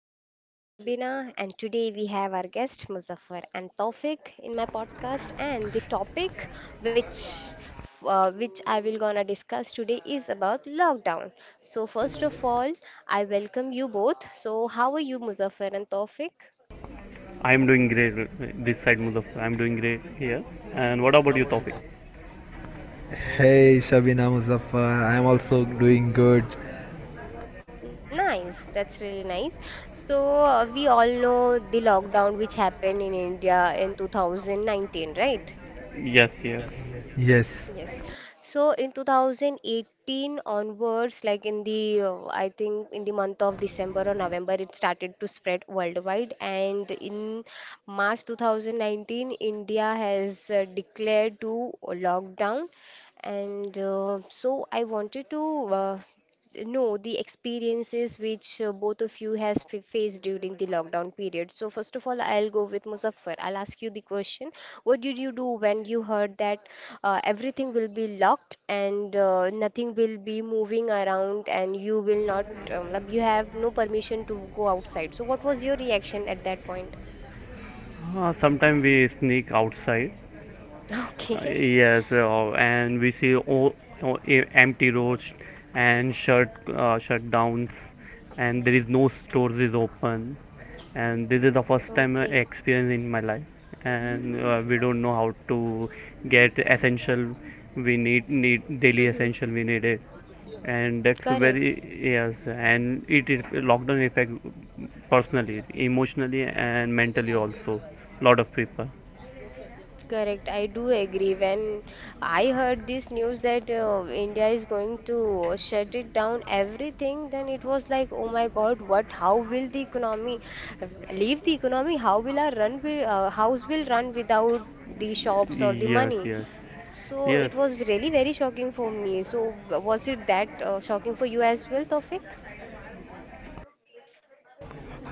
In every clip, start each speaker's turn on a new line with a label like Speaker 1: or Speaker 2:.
Speaker 1: I'm your host, Shabina, and today we have our guest, Muzaffar and Taufik, in my podcast. And the topic which which I will gonna discuss today is about lockdown. So first of all, I welcome you both. So how are you, Muzaffar and Taufik?
Speaker 2: I'm doing great, this side Mudaf. I'm doing great here. And what about you, Tawfiq?
Speaker 3: Hey Shabina Muzaffar, I am also doing good.
Speaker 1: Nice, that's really nice. So we all know the lockdown which happened in India in 2019, right?
Speaker 2: Yes, yes.
Speaker 3: Yes.
Speaker 1: Yes. So in 2018 onwards, like in I think in the month of December or November, it started to spread worldwide. And in March 2019, India has declared to lockdown. And so I wanted to no, the experiences which both of you has f faced during the lockdown period. So first of all, I'll go with Muzaffar. I'll ask you the question. What did you do when you heard that everything will be locked and nothing will be moving around and you will not, you have no permission to go outside. So what was your reaction at that point?
Speaker 2: Sometimes we sneak outside.
Speaker 1: Okay.
Speaker 2: Yes, and we see empty roads and shutdowns, and there is no stores is open, and this is the first time I
Speaker 1: Okay.
Speaker 2: experience in my life, and we don't know how to get essential. We need daily essential. We need it, and that's
Speaker 1: Correct.
Speaker 2: very yes, and it is lockdown effect personally, emotionally, and mentally also. Lot of people.
Speaker 1: Correct, I do agree. When I heard this news that India is going to shut it down everything, then it was like, oh my God, what? How will the economy leave the economy? How will our run will, house will run without the shops or the
Speaker 2: Yes,
Speaker 1: money?
Speaker 2: yes,
Speaker 1: So
Speaker 2: yes.
Speaker 1: it was really very shocking for me. So was it that shocking for you as well, Tofik?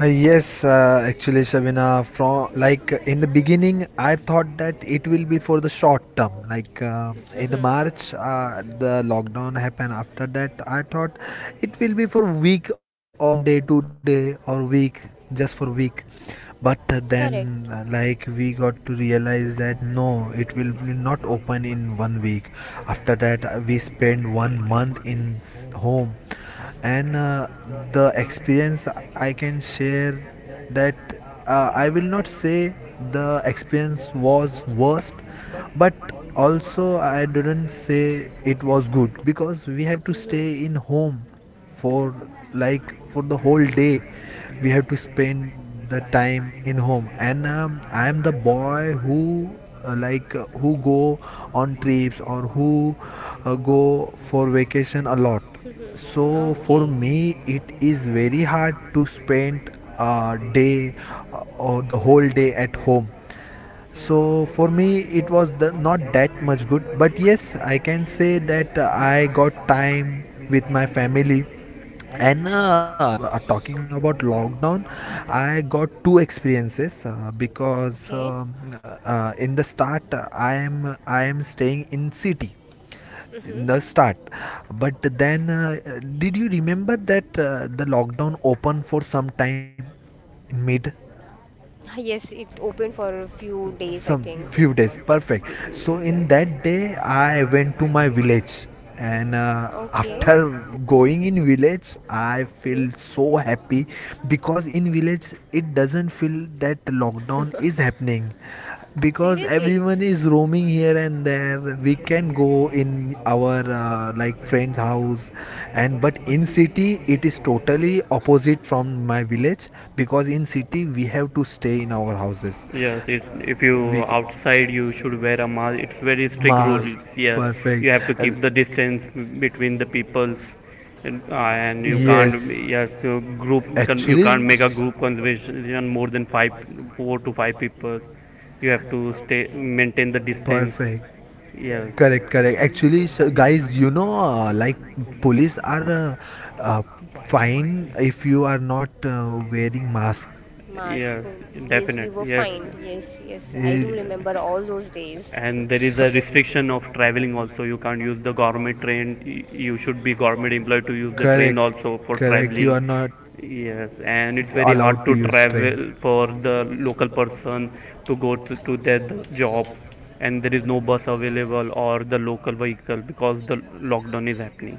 Speaker 3: Yes, actually Shabina, from like in the beginning, I thought that it will be for the short term. Like in March, the lockdown happened. After that, I thought it will be for week or one day, 2 day or week, just for week. But then
Speaker 1: Correct.
Speaker 3: like we got to realize that no, it will be not open in one week. After that we spend one month in home. And the experience I can share that I will not say the experience was worst, but also I didn't say it was good because we have to stay in home for like for the whole day. We have to spend the time in home. And I am the boy who like who go on trips or who go for vacation a lot. So for
Speaker 1: Okay.
Speaker 3: me it is very hard to spend a day or the whole day at home. So for me it was not that much good, but yes, I can say that I got time with my family. And talking about lockdown, I got two experiences because
Speaker 1: Okay.
Speaker 3: in the start I am staying in city.
Speaker 1: Mhm.
Speaker 3: In the start, but then did you remember that the lockdown opened for some time in mid,
Speaker 1: Ah, yes, it opened for a few days, I
Speaker 3: some
Speaker 1: think.
Speaker 3: few days? Perfect. So in that day I went to my village. And
Speaker 1: Okay.
Speaker 3: after going in village I
Speaker 1: Hmm.
Speaker 3: feel so happy, because in village it doesn't feel that lockdown is happening, because
Speaker 1: Seriously.
Speaker 3: everyone is roaming here and there. We can go in our like friend's house. And but in city it is totally opposite from my village, because in city we have to stay in our houses.
Speaker 2: Yes, it's if you
Speaker 3: We
Speaker 2: outside you should wear a mask. It's very strict
Speaker 1: Hmm.
Speaker 3: mask
Speaker 2: rules.
Speaker 3: important.
Speaker 2: Yes,
Speaker 3: Perfect.
Speaker 2: you have
Speaker 3: Yes,
Speaker 2: to keep the distance
Speaker 3: and
Speaker 2: between the peoples, and you
Speaker 1: Hmm.
Speaker 2: can't.
Speaker 3: yes, and,
Speaker 2: Yes,
Speaker 3: yes,
Speaker 2: so you can't make a group conversation more than five, 4 to 5 people. You have to stay
Speaker 1: Okay.
Speaker 2: maintain the distance.
Speaker 3: distance.
Speaker 2: Yes,
Speaker 3: Correct, correct. Actually, so guys, like police are uh, fine if you are not wearing mask.
Speaker 1: Mask.
Speaker 2: yes,
Speaker 1: Mm, yes, we
Speaker 2: definite.
Speaker 1: were
Speaker 2: Yes,
Speaker 1: fined. Yes, yes. I
Speaker 3: Eh,
Speaker 1: do
Speaker 2: yes.
Speaker 1: remember all those days.
Speaker 2: And there is a restriction of traveling also. You can't use the government train. You should be government employed to use the train also for
Speaker 3: You
Speaker 2: traveling.
Speaker 3: are not.
Speaker 2: Yes, and it's very hard to travel for the local person to to their job, and there is no bus available or the local vehicle because the lockdown is happening.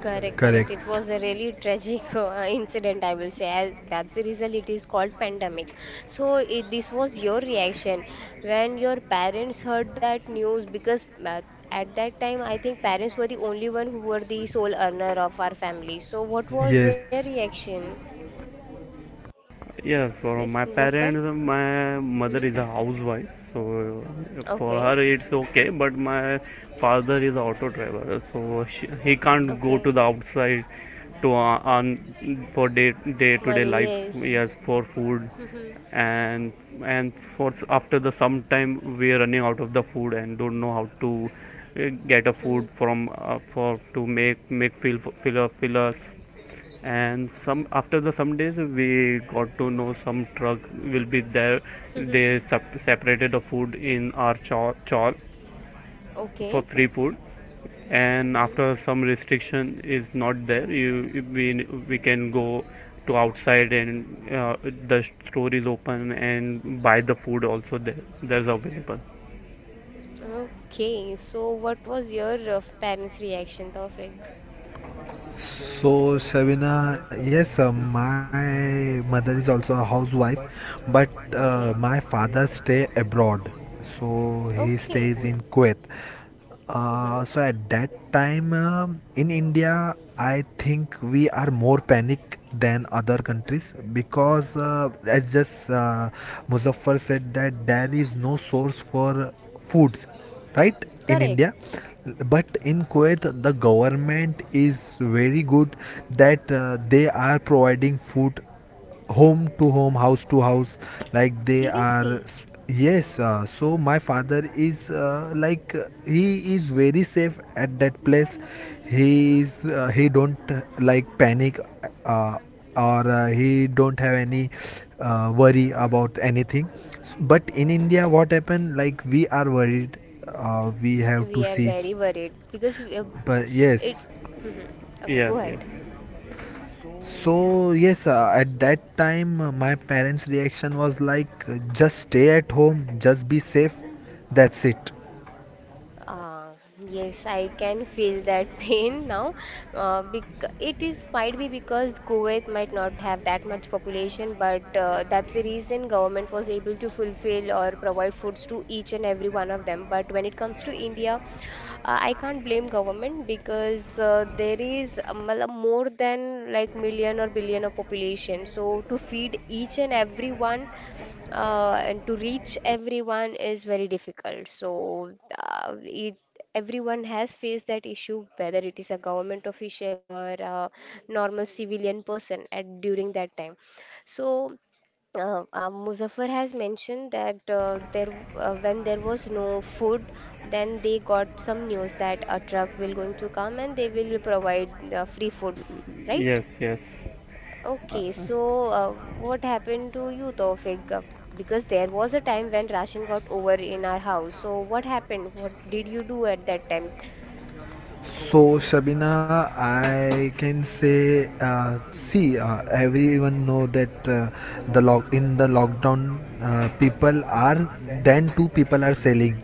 Speaker 1: Correct,
Speaker 3: Correct.
Speaker 1: correct. It was a really tragic incident, I will say. That's the reason it is called pandemic. So this was your reaction when your parents heard that news because at that time I think parents were the only one who were the sole earner of our family. So what was their
Speaker 3: Yes.
Speaker 1: reaction?
Speaker 2: Yeah,
Speaker 1: Yes,
Speaker 2: for my
Speaker 1: Muzaffar?
Speaker 2: parents, my
Speaker 1: Mm-hmm.
Speaker 2: mother is a housewife, so
Speaker 1: Okay,
Speaker 2: for her it's okay. But my father is an auto driver, so he can't
Speaker 1: okay.
Speaker 2: go to the outside to earn for day to day
Speaker 1: Money,
Speaker 2: life.
Speaker 1: yes.
Speaker 2: Yes, for food, and for after the sometime we are running out of the food and don't know how to get a
Speaker 1: Mm-hmm.
Speaker 2: food
Speaker 1: Mm-hmm.
Speaker 2: from for to make fill us. And some after the some days we got to know some truck will be there. They separated the food in our chawl
Speaker 1: Okay.
Speaker 2: for free food. And
Speaker 1: Mm-hmm.
Speaker 2: after some restriction is not there, you we can go to outside, and the store is open and buy the food also there. There's available.
Speaker 1: Okay, so what was your parents' reaction, Tawfiq?
Speaker 3: So, Shavina, yes, my mother is also a housewife, but
Speaker 1: Okay,
Speaker 3: my father stay abroad. So he
Speaker 1: okay,
Speaker 3: stays in Kuwait.
Speaker 1: mm-hmm.
Speaker 3: So at that time, in India, I think we are more panic than other countries, because as just Muzaffar said, that there is no source for foods, right? In
Speaker 1: Correct.
Speaker 3: India. But in Kuwait, the government is very good, that they are providing food home to home, house to house, like they are.
Speaker 1: Seriously,
Speaker 3: Yes. So my father is like he is very safe at that place. He is he don't like panic, uh, or he don't have any worry about anything. But in India what happened, like we are worried. We have to
Speaker 1: we are
Speaker 3: see,
Speaker 1: very worried because
Speaker 3: but
Speaker 1: it.
Speaker 3: yes.
Speaker 1: Mhm. Okay,
Speaker 2: Yes,
Speaker 1: go
Speaker 2: yes,
Speaker 1: ahead.
Speaker 3: So yes, at that time my parents reaction was like, just stay at home, just be safe. That's it.
Speaker 1: Ah, yes, I can feel that pain now. Bec it is might be because Kuwait might not have that much population, but that's the reason government was able to fulfill or provide foods to each and every one of them. But when it comes to India, I can't blame government because there is more than like million or billion of population. So to feed each and everyone and to reach everyone is very difficult. So it everyone has faced that issue whether it is a government official or a normal civilian person at during that time, so Muzaffar has mentioned that there when there was no food, then they got some news that a truck will going to come and they will provide free food, right?
Speaker 2: yes, yes.
Speaker 1: Okay, so what happened to you, Tawfiq? Because there was a time when ration got over in our house. So what happened? What did you do at that time?
Speaker 3: So, Shabina, I can say, see, everyone know that the lock in the lockdown, people are then two people are selling.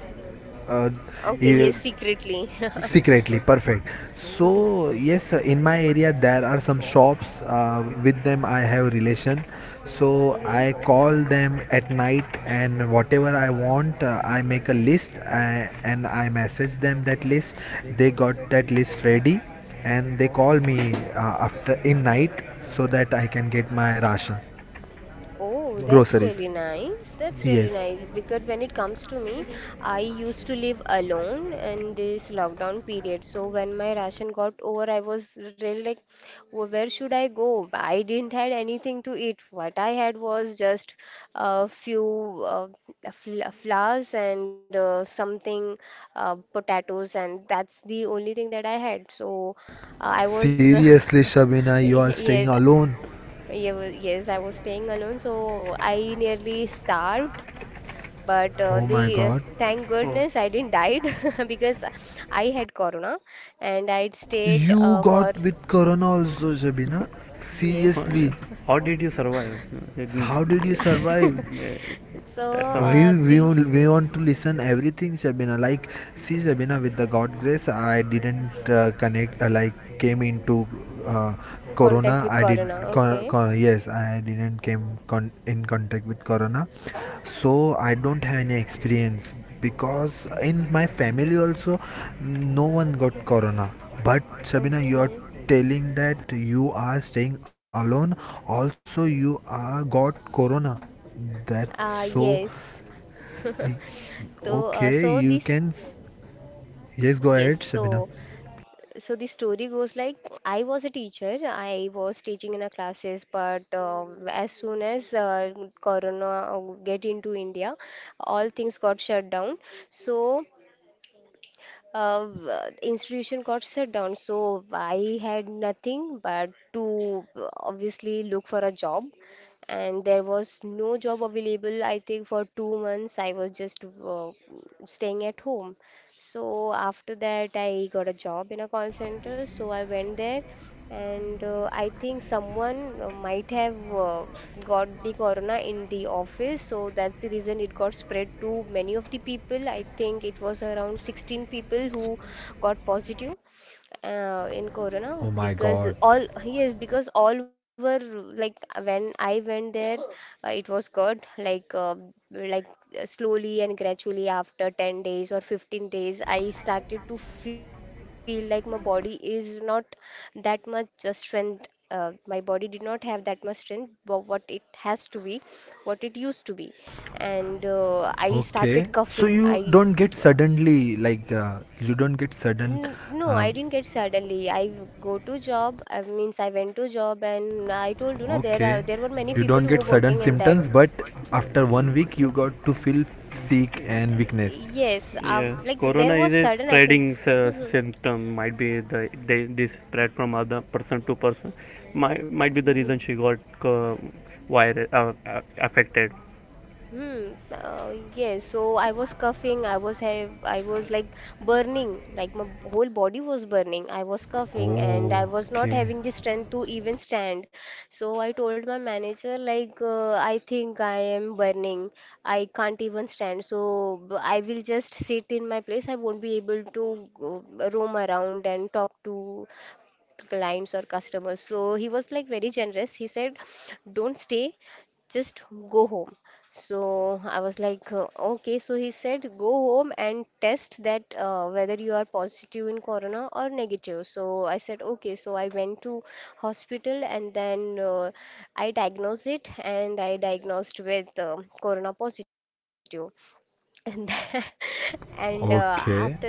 Speaker 3: Uh,
Speaker 1: Okay,
Speaker 3: e-
Speaker 1: yes, secretly.
Speaker 3: secretly. Perfect.
Speaker 1: Hmm.
Speaker 3: So yes, in my area there are some shops with them I have relation. So
Speaker 1: Hmm.
Speaker 3: I call them at night and whatever I want, I make a list. And I message them that list. They got that list ready, and they call me after in night, so that I can get my ration.
Speaker 1: Oh, that's really
Speaker 3: Groceries.
Speaker 1: nice. That's really
Speaker 3: Yes.
Speaker 1: nice. Because when it comes to me, I used to live alone in this lockdown period. So when my ration got over, I was really like, "Wh- where should I go? I didn't had anything to eat. What I had was just a few uh, fl flowers and something, potatoes, and that's the only thing that I had. So uh, I was,
Speaker 3: Seriously, Shabina, you are
Speaker 1: yes,
Speaker 3: staying alone?
Speaker 1: yeah, well, yes, I was staying alone, so I nearly starved. But
Speaker 3: Oh
Speaker 1: the
Speaker 3: my god.
Speaker 1: thank goodness
Speaker 2: Oh,
Speaker 1: I didn't died because I had corona and I'd stayed
Speaker 3: You
Speaker 1: for
Speaker 3: got with corona also, Shabina?
Speaker 1: yes.
Speaker 3: Seriously,
Speaker 2: how did you survive?
Speaker 3: how did you survive?
Speaker 1: So
Speaker 2: that's our.
Speaker 3: We, we
Speaker 1: the
Speaker 3: will- we want to listen everything, Shabina, like, see, Shabina, with the God grace I didn't connect like came into uh,
Speaker 1: contact
Speaker 3: corona.
Speaker 1: with
Speaker 3: I did
Speaker 1: corona.
Speaker 3: cor
Speaker 1: Okay,
Speaker 3: cor yes, I didn't came in contact with corona. So I don't have any experience, because in my family also no one got corona. But Shabina, you are
Speaker 1: okay.
Speaker 3: telling that you are staying alone, also you are got corona. That's so.
Speaker 1: Yes. So
Speaker 3: Okay,
Speaker 1: so
Speaker 3: you
Speaker 1: this
Speaker 3: can. Yes, go ahead,
Speaker 1: yes.
Speaker 3: Shabina.
Speaker 1: So so the story goes like I was a teacher. I was teaching in a classes, but as soon as Corona get into India, all things got shut down. So uh, institution got shut down. So I had nothing but to obviously look for a job. And there was no job available, I think, for 2 months. I was just staying at home. So after that, I got a job in a call center. So I went there and I think someone might have got the corona in the office, so that's the reason it got spread to many of the people. I think it was around 16 people who got positive in Corona
Speaker 3: Oh my
Speaker 1: because
Speaker 3: god.
Speaker 1: all yes because all were like when I went there it was good like slowly and gradually after 10 days or 15 days I started to feel like my body is not that much strength, my body did not have that much strength what it has to be, what it used to be, and I
Speaker 3: Okay,
Speaker 1: started
Speaker 3: so
Speaker 1: coughing.
Speaker 3: you
Speaker 1: I
Speaker 3: don't get suddenly, like you don't get sudden.
Speaker 1: N- no, I
Speaker 3: Um,
Speaker 1: didn't get suddenly. Go to job. I means I went to job, and I told you na there are
Speaker 3: okay,
Speaker 1: there were many
Speaker 3: you
Speaker 1: people
Speaker 3: don't
Speaker 1: who
Speaker 3: get
Speaker 1: were working
Speaker 3: sudden
Speaker 1: in that.
Speaker 3: symptoms, but after one week you got to feel sick and weakness.
Speaker 1: Yes,
Speaker 2: Yes,
Speaker 1: like there
Speaker 2: corona
Speaker 1: was
Speaker 2: is a
Speaker 1: sudden.
Speaker 2: symptom. Might be the they, this spread from other person to person. Might be the reason she got uh, virus affected.
Speaker 1: Hmm. Yes. So I was coughing. I was have. I was like burning. Like my whole body was burning. I was coughing, and I
Speaker 3: Oh,
Speaker 1: was not
Speaker 3: okay.
Speaker 1: having the strength to even stand. So I told my manager, like, I think I am burning. I can't even stand. So I will just sit in my place. I won't be able to roam around and talk to clients or customers. So he was like very generous. He said, don't stay, just go home. So I was like, okay. So he said, go home and test that whether you are positive in corona or negative. So I said, okay. So I went to hospital and then I diagnosed it and I diagnosed with corona positive. And then, and
Speaker 3: Okay.
Speaker 1: after that,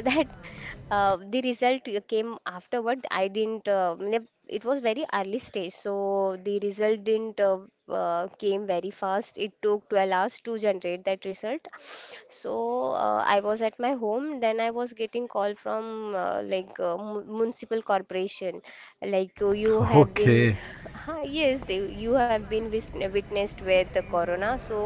Speaker 1: the result came afterward. I didn't. Ne- it was very early stage, so the result didn't came very fast. It took 12 hours to generate that result. So I was at my home. Then I was getting call from municipal corporation, like "Oh, you have been,
Speaker 3: Okay.
Speaker 1: yes, they, you have been witnessed with the corona. So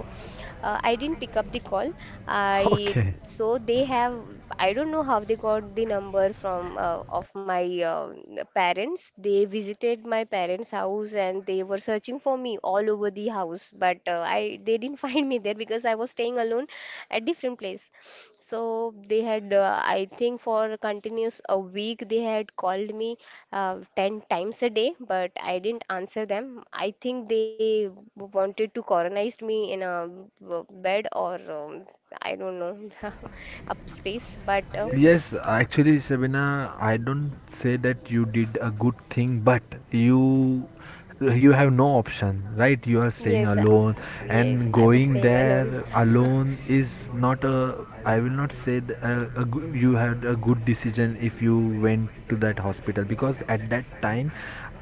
Speaker 1: I didn't pick up the call. I
Speaker 3: Okay.
Speaker 1: so they have. I don't know how they got the number from of my parents. They visited my parents' house and they were searching for me all over the house, but I they didn't find me there because I was staying alone at different place. So they had, I think, for continuous a week, they had called me 10 times a day, but I didn't answer them. I think they wanted to colonize me in a bed or I don't know a space, but
Speaker 3: Yes, actually, Shabina, I don't say that you did a good thing, but you you have no option, right? You are staying
Speaker 1: yes,
Speaker 3: alone,
Speaker 1: yes,
Speaker 3: and
Speaker 1: I was
Speaker 3: going
Speaker 1: staying alone.
Speaker 3: there alone is not a. I will not say you had a good decision if you went to that hospital, because at that time,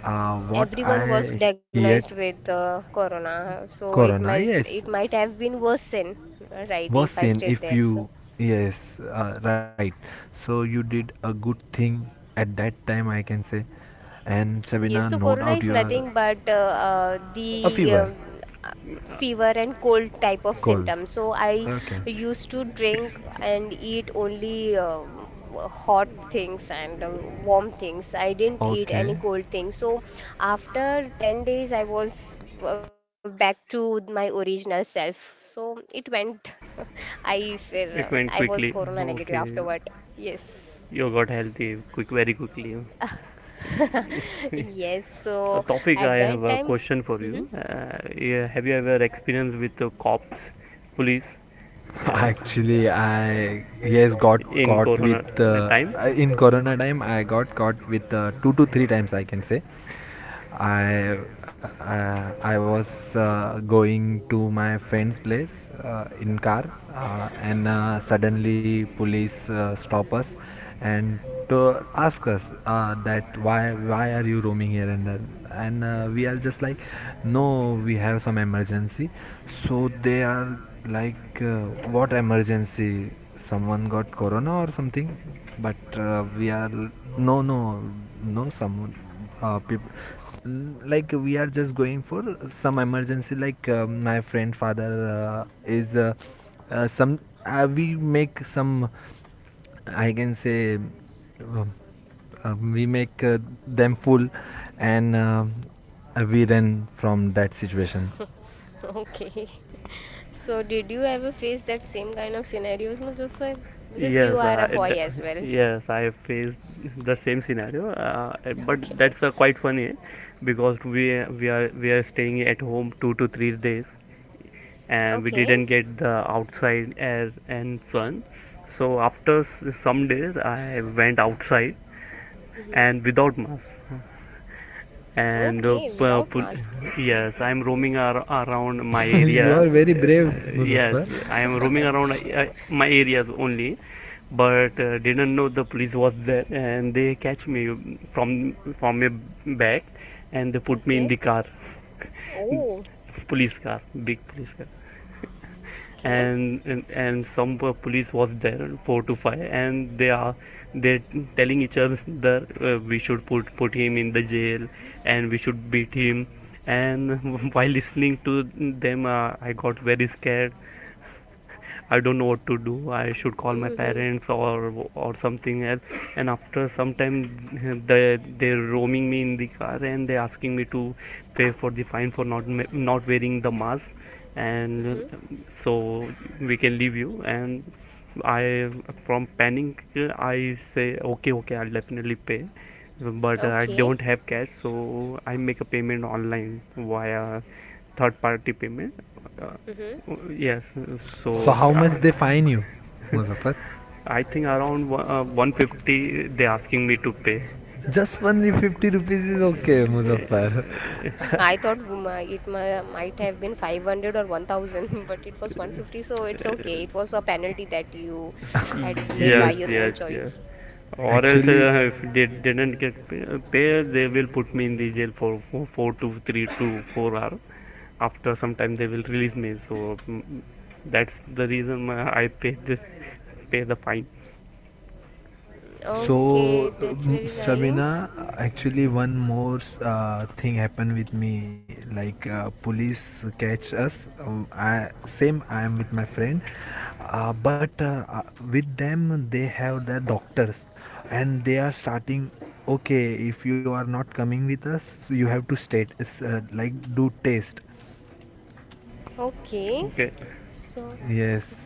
Speaker 3: what
Speaker 1: Everyone was
Speaker 3: I heard,
Speaker 1: diagnosed with corona, so
Speaker 3: corona. Yes,
Speaker 1: it might have been worsen, right,
Speaker 3: was
Speaker 1: if I
Speaker 3: seen
Speaker 1: stayed
Speaker 3: if
Speaker 1: there. So
Speaker 3: you. Yes, right, so you did a good thing at that time, I can say. And Sabina,
Speaker 1: yes, so
Speaker 3: no
Speaker 1: corona
Speaker 3: doubt
Speaker 1: is
Speaker 3: you are
Speaker 1: nothing but
Speaker 3: a
Speaker 1: the
Speaker 3: fever
Speaker 1: uh, fever and cold type of
Speaker 3: cold.
Speaker 1: symptoms. So I
Speaker 3: Okay.
Speaker 1: used to
Speaker 2: It's
Speaker 1: drink and eat only hot things and warm things. I didn't eat
Speaker 3: Okay.
Speaker 1: any cold things. So after 10 days, I was back to my original self. So it went. I feel I
Speaker 2: it
Speaker 1: was
Speaker 2: went
Speaker 1: corona
Speaker 2: quickly.
Speaker 1: negative afterward.
Speaker 2: Okay,
Speaker 1: Yes.
Speaker 2: you got healthy quick, very quickly.
Speaker 1: Yes, so
Speaker 2: Tofik,
Speaker 1: at
Speaker 2: I
Speaker 1: that
Speaker 2: have a
Speaker 1: time,
Speaker 2: question for
Speaker 1: mhm.
Speaker 2: you. Yeah, have you ever experienced with the cops, police, I uh,
Speaker 3: Actually, I yes got
Speaker 2: caught in
Speaker 3: caught
Speaker 2: corona
Speaker 3: with
Speaker 2: the time?
Speaker 3: in Corona time. I got caught with two to three times, I can say. I I was going to my friend's place in car, and suddenly police stop us and to ask us that why are you roaming here and then, and we are just like, no we have some emergency. So they are like, what emergency, someone got corona or something? But we are no, no, no, some people, like we are just going for some emergency, like my friend father is some. We make some, I can say, we make them full, and we run from that situation.
Speaker 1: Okay. So did you ever face that same kind of scenarios, Muzaffar? Because you
Speaker 2: Yes,
Speaker 1: are a
Speaker 2: uh, it,
Speaker 1: boy as well.
Speaker 2: yes, I have faced the same scenario,
Speaker 1: Okay.
Speaker 2: but that's quite funny because we are staying at home 2 to 3 days, and we
Speaker 1: Okay.
Speaker 2: didn't get the outside air and sun. So after some days, I went outside
Speaker 1: Hmm.
Speaker 2: and without mask and
Speaker 1: Okay, without mask.
Speaker 2: yes, I am
Speaker 1: Mm.
Speaker 2: roaming around my area,
Speaker 3: You are very brave,
Speaker 2: yes,
Speaker 3: Muzaffar.
Speaker 2: I am roaming around my areas only. But didn't know the police was there, and they catch me from my back, and they put me in
Speaker 1: Okay.
Speaker 2: the car.
Speaker 1: Oh,
Speaker 2: police car, big police car.
Speaker 1: okay.
Speaker 2: And and some police was there, 4 to 5, and they are they telling each other that we should put him in the jail and we should beat him. And while listening to them, I got very scared. I don't know what to do. I should call my
Speaker 1: Mm-hmm.
Speaker 2: parents or something else. And after some time, they're roaming me in the car, and they're asking me to pay for the fine for not wearing the mask.
Speaker 1: Mm-hmm.
Speaker 2: And so we can leave you, and I, from panic, I say, okay, okay, I'll definitely pay. But I
Speaker 1: Okay.
Speaker 2: don't have cash, so I make a payment online via third party payment, uh,
Speaker 1: Mm-hmm.
Speaker 2: yes. So
Speaker 3: So how much they fine you, Muzaffar?
Speaker 2: I think around 150 they asking me to pay.
Speaker 3: Just only 50 rupees is okay, Muzaffar.
Speaker 2: Okay,
Speaker 1: I thought it might have been 500 or 1000, but it was 150, so it's
Speaker 2: Abdullah.
Speaker 1: okay. It was a penalty that you had made by
Speaker 2: Yes,
Speaker 3: yes.
Speaker 1: your own
Speaker 2: yes, yes.
Speaker 1: choice.
Speaker 2: Or else,
Speaker 3: Actually,
Speaker 2: if they didn't get pay, they will put me in the jail for 4 to 3 to 4 hours. After some time, they will release me. So that's the reason why pay the fine.
Speaker 3: So,
Speaker 1: Okay, that's really nice.
Speaker 3: Sabina, actually, one more thing happened with me. Like police catch us. I same. I am with my friend, but with them they have their doctors, and they are starting. Okay, if you are not coming with us, you have to state like do test.
Speaker 1: Okay,
Speaker 2: Okay.
Speaker 1: so
Speaker 3: Yes.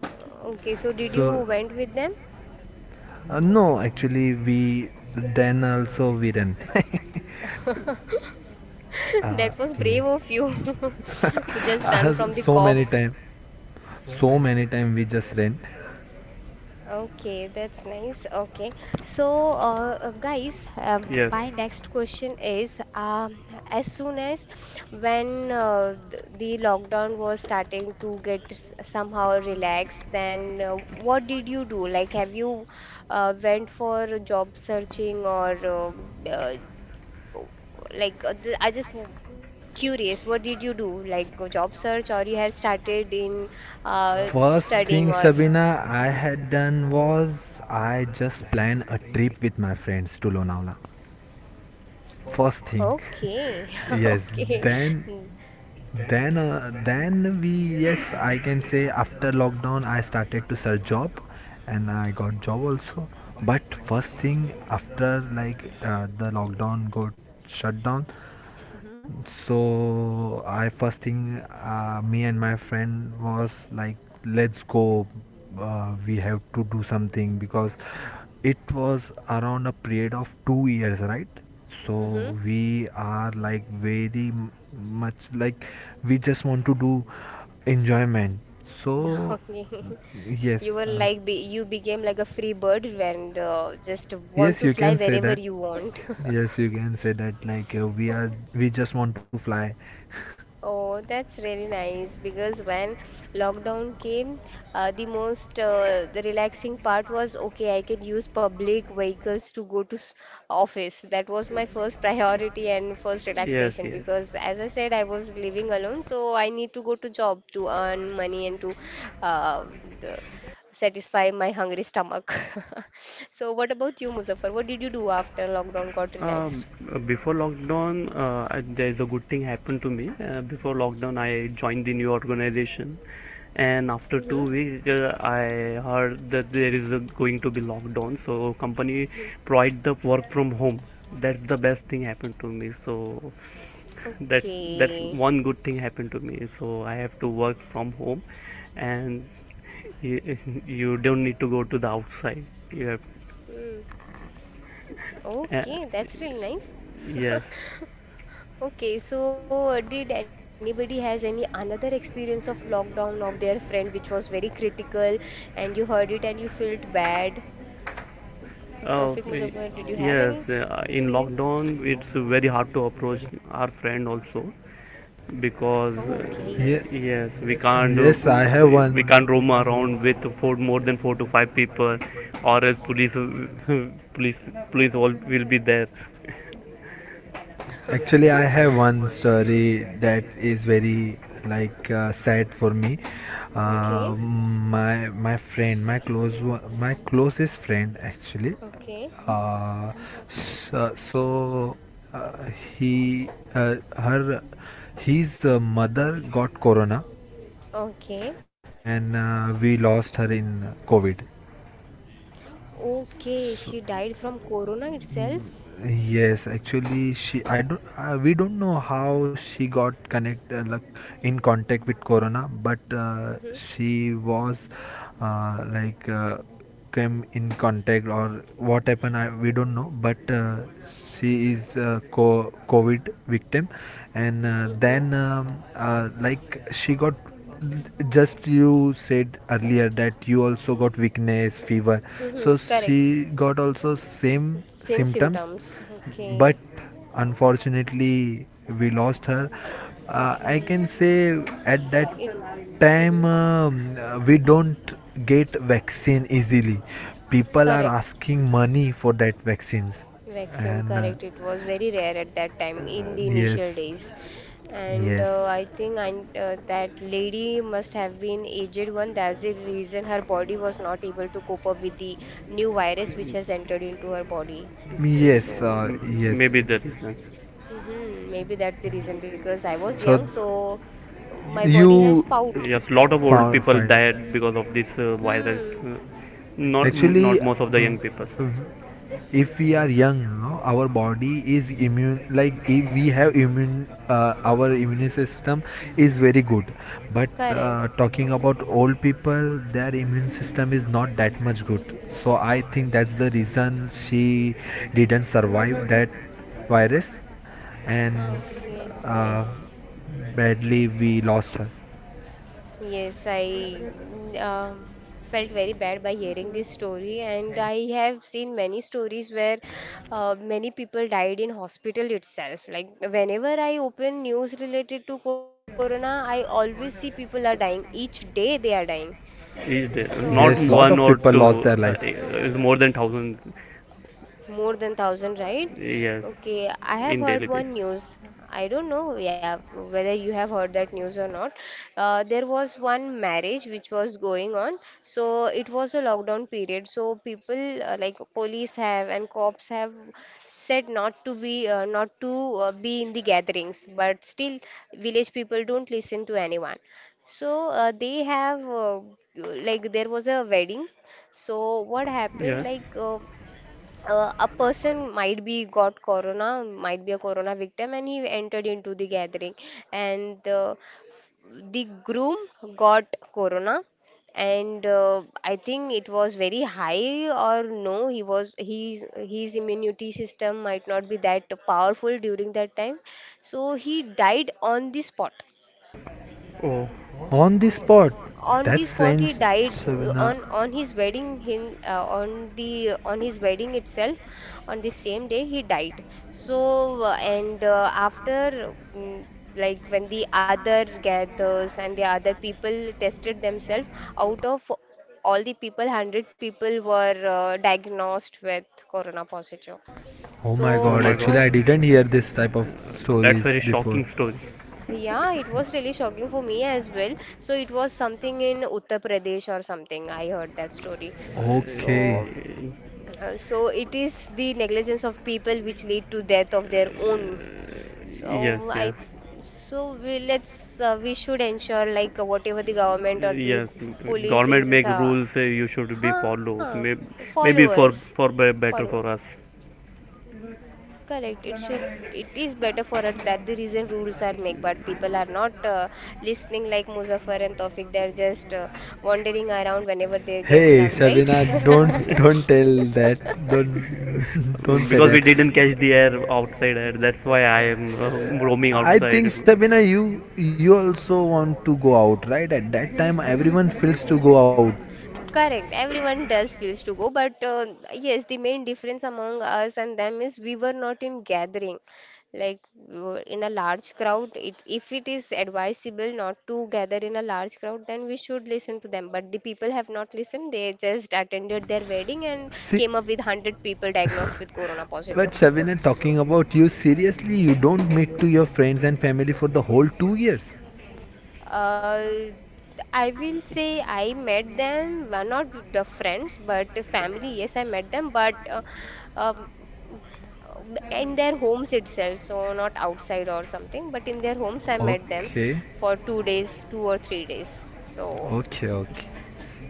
Speaker 1: okay, so did you
Speaker 3: So,
Speaker 1: went with them?
Speaker 3: no, actually, we then also we run. uh,
Speaker 1: That was
Speaker 3: yeah.
Speaker 1: brave of you to just run from the
Speaker 3: So many
Speaker 1: cops.
Speaker 3: time, so many time we just ran.
Speaker 1: Okay, that's nice. Okay, so guys,
Speaker 2: Yes,
Speaker 1: my next question is, as soon as when the lockdown was starting to get somehow relaxed, then what did you do? Like, have you went for job searching or uh, I just curious, what did you do? Like, job search or you had started in uh,
Speaker 3: First
Speaker 1: studying
Speaker 3: thing,
Speaker 1: or?
Speaker 3: Shabina, I had done was I just planned a trip with my friends to Lonavala, first thing.
Speaker 1: Okay.
Speaker 3: Yes.
Speaker 1: Okay.
Speaker 3: Then
Speaker 1: Hmm.
Speaker 3: we. Yes, I can say after lockdown I started to search job, and I got job also. But first thing after, like the lockdown got shut down. So I first thing me and my friend was like, let's go. We have to do something because it was around a period of 2 years, right?
Speaker 1: Mm-hmm.
Speaker 3: So we are like very much like, we just want to do enjoyment. So
Speaker 1: Okay. You
Speaker 3: yes,
Speaker 1: were like be you became like a free bird and just want
Speaker 3: yes,
Speaker 1: to
Speaker 3: you
Speaker 1: fly
Speaker 3: can say
Speaker 1: wherever
Speaker 3: that.
Speaker 1: you want.
Speaker 3: Yes, you can say that. Like we just want to fly.
Speaker 1: Oh, that's really nice because when lockdown came, the relaxing part was okay, I can use public vehicles to go to office. That was my first priority and first
Speaker 2: yes,
Speaker 1: relaxation
Speaker 2: yes.
Speaker 1: because, as I said, I was living alone, so I need to go to job to earn money and to uh, the, satisfy my hungry stomach. So, what about you, Muzaffar? What did you do after lockdown got
Speaker 2: Um,
Speaker 1: relaxed?
Speaker 2: Before lockdown, there's a good thing happened to me. Before lockdown, I joined the new organization, and after two
Speaker 1: Hmm.
Speaker 2: weeks, I heard that there is a, going to be lockdown. So company provide the work from home. That's the best thing happened to me. So that's that's
Speaker 1: Okay.
Speaker 2: one good thing happened to me. So I have to work from home, and you, you don't need to go to the outside. You have,
Speaker 1: Mm.
Speaker 2: uh,
Speaker 1: Okay, that's really nice.
Speaker 2: yes.
Speaker 1: Okay, so did anybody has any another experience of lockdown of their friend which was very critical and you heard it and you felt bad? Tawfiq
Speaker 2: Uh,
Speaker 1: Muzaffar,
Speaker 2: y-
Speaker 1: did you have any
Speaker 2: yes, in
Speaker 1: experience?
Speaker 2: lockdown it's very hard to approach our friend also, because
Speaker 3: Yeah.
Speaker 1: Okay, yes.
Speaker 2: yes, we
Speaker 3: Yes,
Speaker 2: can't
Speaker 3: I have
Speaker 2: we
Speaker 3: one.
Speaker 2: can't roam around with four more than 4 to 5 people, or else police, police police all will be there.
Speaker 3: Actually, I have one story that is very, like sad for me.
Speaker 1: Okay,
Speaker 3: My friend, my close one, my closest friend actually.
Speaker 1: okay,
Speaker 3: Uh, so so uh, he her his mother got corona,
Speaker 1: okay,
Speaker 3: and we lost her in COVID.
Speaker 1: okay. She
Speaker 3: So,
Speaker 1: died from corona itself.
Speaker 3: yes, actually, she I don't we don't know how she got connect like in contact with Corona, but
Speaker 1: Mm-hmm,
Speaker 3: she was like came in contact, or what happened. We don't know, but she is a COVID victim, and
Speaker 1: mm-hmm,
Speaker 3: then like she got, just you said earlier that you also got weakness fever.
Speaker 1: mm-hmm.
Speaker 3: So
Speaker 1: Correct.
Speaker 3: she got also same
Speaker 1: Same
Speaker 3: symptoms,
Speaker 1: symptoms. Okay,
Speaker 3: but unfortunately we lost her. I
Speaker 1: okay.
Speaker 3: can say at that
Speaker 1: It.
Speaker 3: time
Speaker 1: Mm-hmm.
Speaker 3: we don't get vaccine easily. People are
Speaker 1: Correct.
Speaker 3: asking money for that vaccines.
Speaker 1: Vaccine,
Speaker 3: And
Speaker 1: correct. It was very rare at that time in the initial
Speaker 3: yes.
Speaker 1: days. And
Speaker 3: Yes,
Speaker 1: that lady must have been aged one. That's the reason her body was not able to cope up with the new virus which has entered into her body. Okay,
Speaker 3: yes,
Speaker 1: so
Speaker 2: M-
Speaker 3: yes.
Speaker 2: Maybe the reason.
Speaker 1: mhm, maybe that's the reason because I was
Speaker 3: So
Speaker 1: young, so my body has
Speaker 3: you
Speaker 1: fought.
Speaker 2: Yes, lot of
Speaker 1: Uh,
Speaker 2: old
Speaker 3: far
Speaker 1: fi-
Speaker 2: people
Speaker 3: fine.
Speaker 2: died because of this virus.
Speaker 1: Hmm,
Speaker 2: Not
Speaker 3: Actually,
Speaker 2: not most of the young people.
Speaker 3: if we are young, no, our body is immune, like if we have immune, our immune system is very good. But
Speaker 1: correct.
Speaker 3: talking about old people, their immune system is not that much good. So I think that's the reason she didn't survive that virus. And
Speaker 1: Okay,
Speaker 3: uh,
Speaker 1: yes.
Speaker 3: badly we lost her.
Speaker 1: Yes, I felt very bad by hearing this story, and I have seen many stories where many people died in hospital itself. Like whenever I open news related to corona, I always see people are dying. Each day they are dying.
Speaker 2: Each day,
Speaker 3: Yes,
Speaker 1: So
Speaker 2: not
Speaker 3: lot of
Speaker 2: one
Speaker 3: people
Speaker 2: or
Speaker 3: lost their life.
Speaker 2: two, is more than thousand.
Speaker 1: more than 1,000, right?
Speaker 2: Yes.
Speaker 1: Okay, I have
Speaker 2: In
Speaker 1: heard
Speaker 2: daily basis.
Speaker 1: one news. I don't know, yeah, whether you have heard that news or not. There was one marriage which was going on, so it was a lockdown period. So people like police have and cops have said not to be not to be in the gatherings, but still village people don't listen to anyone. So they have like there was a wedding. So what happened?
Speaker 2: Yes.
Speaker 1: A person might be got corona, might be a corona victim, and he entered into the gathering, and the groom got corona, and I think it was very high or no, he was his immunity system might not be that powerful during that time, so he died on the spot.
Speaker 2: Oh.
Speaker 3: On the spot.
Speaker 1: On the
Speaker 3: That's
Speaker 1: spot he
Speaker 3: strange,
Speaker 1: died,
Speaker 3: Sabina.
Speaker 1: on the on his wedding itself, on the same day he died. So and after like when the other gathers and the other people tested themselves, out of all the people 100 people were diagnosed with corona positive.
Speaker 3: Oh my
Speaker 1: So
Speaker 2: Oh
Speaker 3: god,
Speaker 2: my
Speaker 1: it
Speaker 3: actually, I
Speaker 1: was,
Speaker 2: God.
Speaker 3: didn't hear this type of
Speaker 2: That's very
Speaker 3: stories
Speaker 2: shocking
Speaker 3: before.
Speaker 2: story.
Speaker 1: yeah, it was really shocking for me as well. So it was something in Uttar Pradesh or something. I heard that story.
Speaker 2: Uh,
Speaker 1: So,
Speaker 3: Okay.
Speaker 1: so it is the negligence of people which lead to death of their own.
Speaker 2: yes.
Speaker 1: So
Speaker 2: Yes.
Speaker 1: I, so we, let's we should ensure, like, whatever the government or the
Speaker 2: Yes.
Speaker 1: police
Speaker 2: Government
Speaker 1: is,
Speaker 2: make rules. You should be
Speaker 1: huh,
Speaker 2: follow. Maybe
Speaker 1: followers,
Speaker 2: for
Speaker 1: follow.
Speaker 2: better for us,
Speaker 1: Correct. It should. It is better for us that the reason rules are made, but people are not listening like Muzaffar and Tawfiq. They're just wandering around whenever they get
Speaker 3: Hey,
Speaker 1: chance, right?
Speaker 3: Sabina, don't don't tell that. Don't don't say
Speaker 2: because we
Speaker 3: that.
Speaker 2: didn't catch the air, outside air. That's why I am roaming
Speaker 3: I
Speaker 2: outside.
Speaker 3: think, Sabina, you also want to go out, right? At that time, everyone feels to go out.
Speaker 1: Correct. Everyone does feels to go, but yes, the main difference among us and them is we were not in gathering, like we in a large crowd. It, if it is advisable not to gather in a large crowd, then we should listen to them. But the people have not listened. They just attended their wedding and
Speaker 3: See,
Speaker 1: came up with 100 people diagnosed with corona
Speaker 3: but
Speaker 1: positive.
Speaker 3: Sabina, talking about you seriously, you don't meet to your friends and family for the whole 2 years.
Speaker 1: Uh, I will say I met them, not the friends, but the family. Yes, I met them, but um, in their homes itself, so not outside or something, but in their homes, I met them
Speaker 3: Okay,
Speaker 1: for 2 days, 2 or 3 days. So
Speaker 3: okay, okay.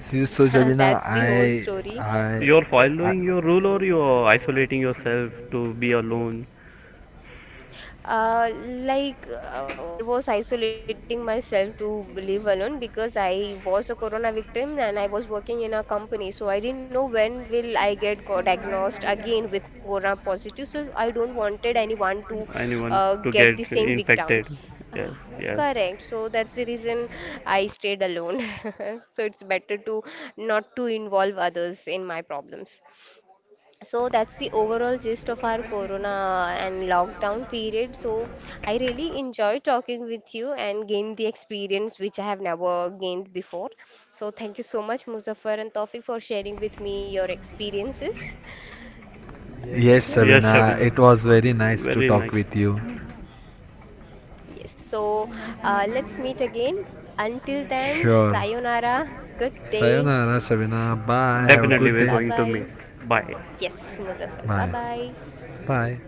Speaker 3: See, so Shabina,
Speaker 1: that's the whole story.
Speaker 3: I,
Speaker 2: You're
Speaker 3: I,
Speaker 2: following your rule, or you're isolating yourself to be alone.
Speaker 1: Uh, like I was isolating myself to live alone because I was a corona victim and I was working in a company, so I didn't know when will I get diagnosed again with corona positive. So I don't wanted anyone to
Speaker 2: Anyone to
Speaker 1: get the
Speaker 2: get
Speaker 1: same
Speaker 2: infected.
Speaker 1: victims.
Speaker 2: Yes. Yes.
Speaker 1: Correct. So that's the reason I stayed alone. So it's better to not to involve others in my problems. So that's the overall gist of our corona and lockdown period. So I really enjoy talking with you and gain the experience which I have never gained before. So thank you so much, Muzaffar and Tawfiq, for sharing with me your experiences.
Speaker 3: yes,
Speaker 1: Okay.
Speaker 2: Yes,
Speaker 3: Shabina,
Speaker 2: Shabina.
Speaker 3: it was very nice to
Speaker 2: Very
Speaker 3: talk
Speaker 2: nice.
Speaker 3: with you.
Speaker 1: Yes. So let's meet again. Until then,
Speaker 3: Sure.
Speaker 1: sayonara. Good day.
Speaker 3: Sayonara, Shabina. Bye. Have a
Speaker 1: Yes.
Speaker 2: Definitely,
Speaker 3: good
Speaker 2: we're
Speaker 1: Bye
Speaker 3: day.
Speaker 2: going to
Speaker 1: bye.
Speaker 2: meet. Bye.
Speaker 1: Yes, Muzaffar. Bye
Speaker 3: Bye.
Speaker 1: bye.
Speaker 3: Bye.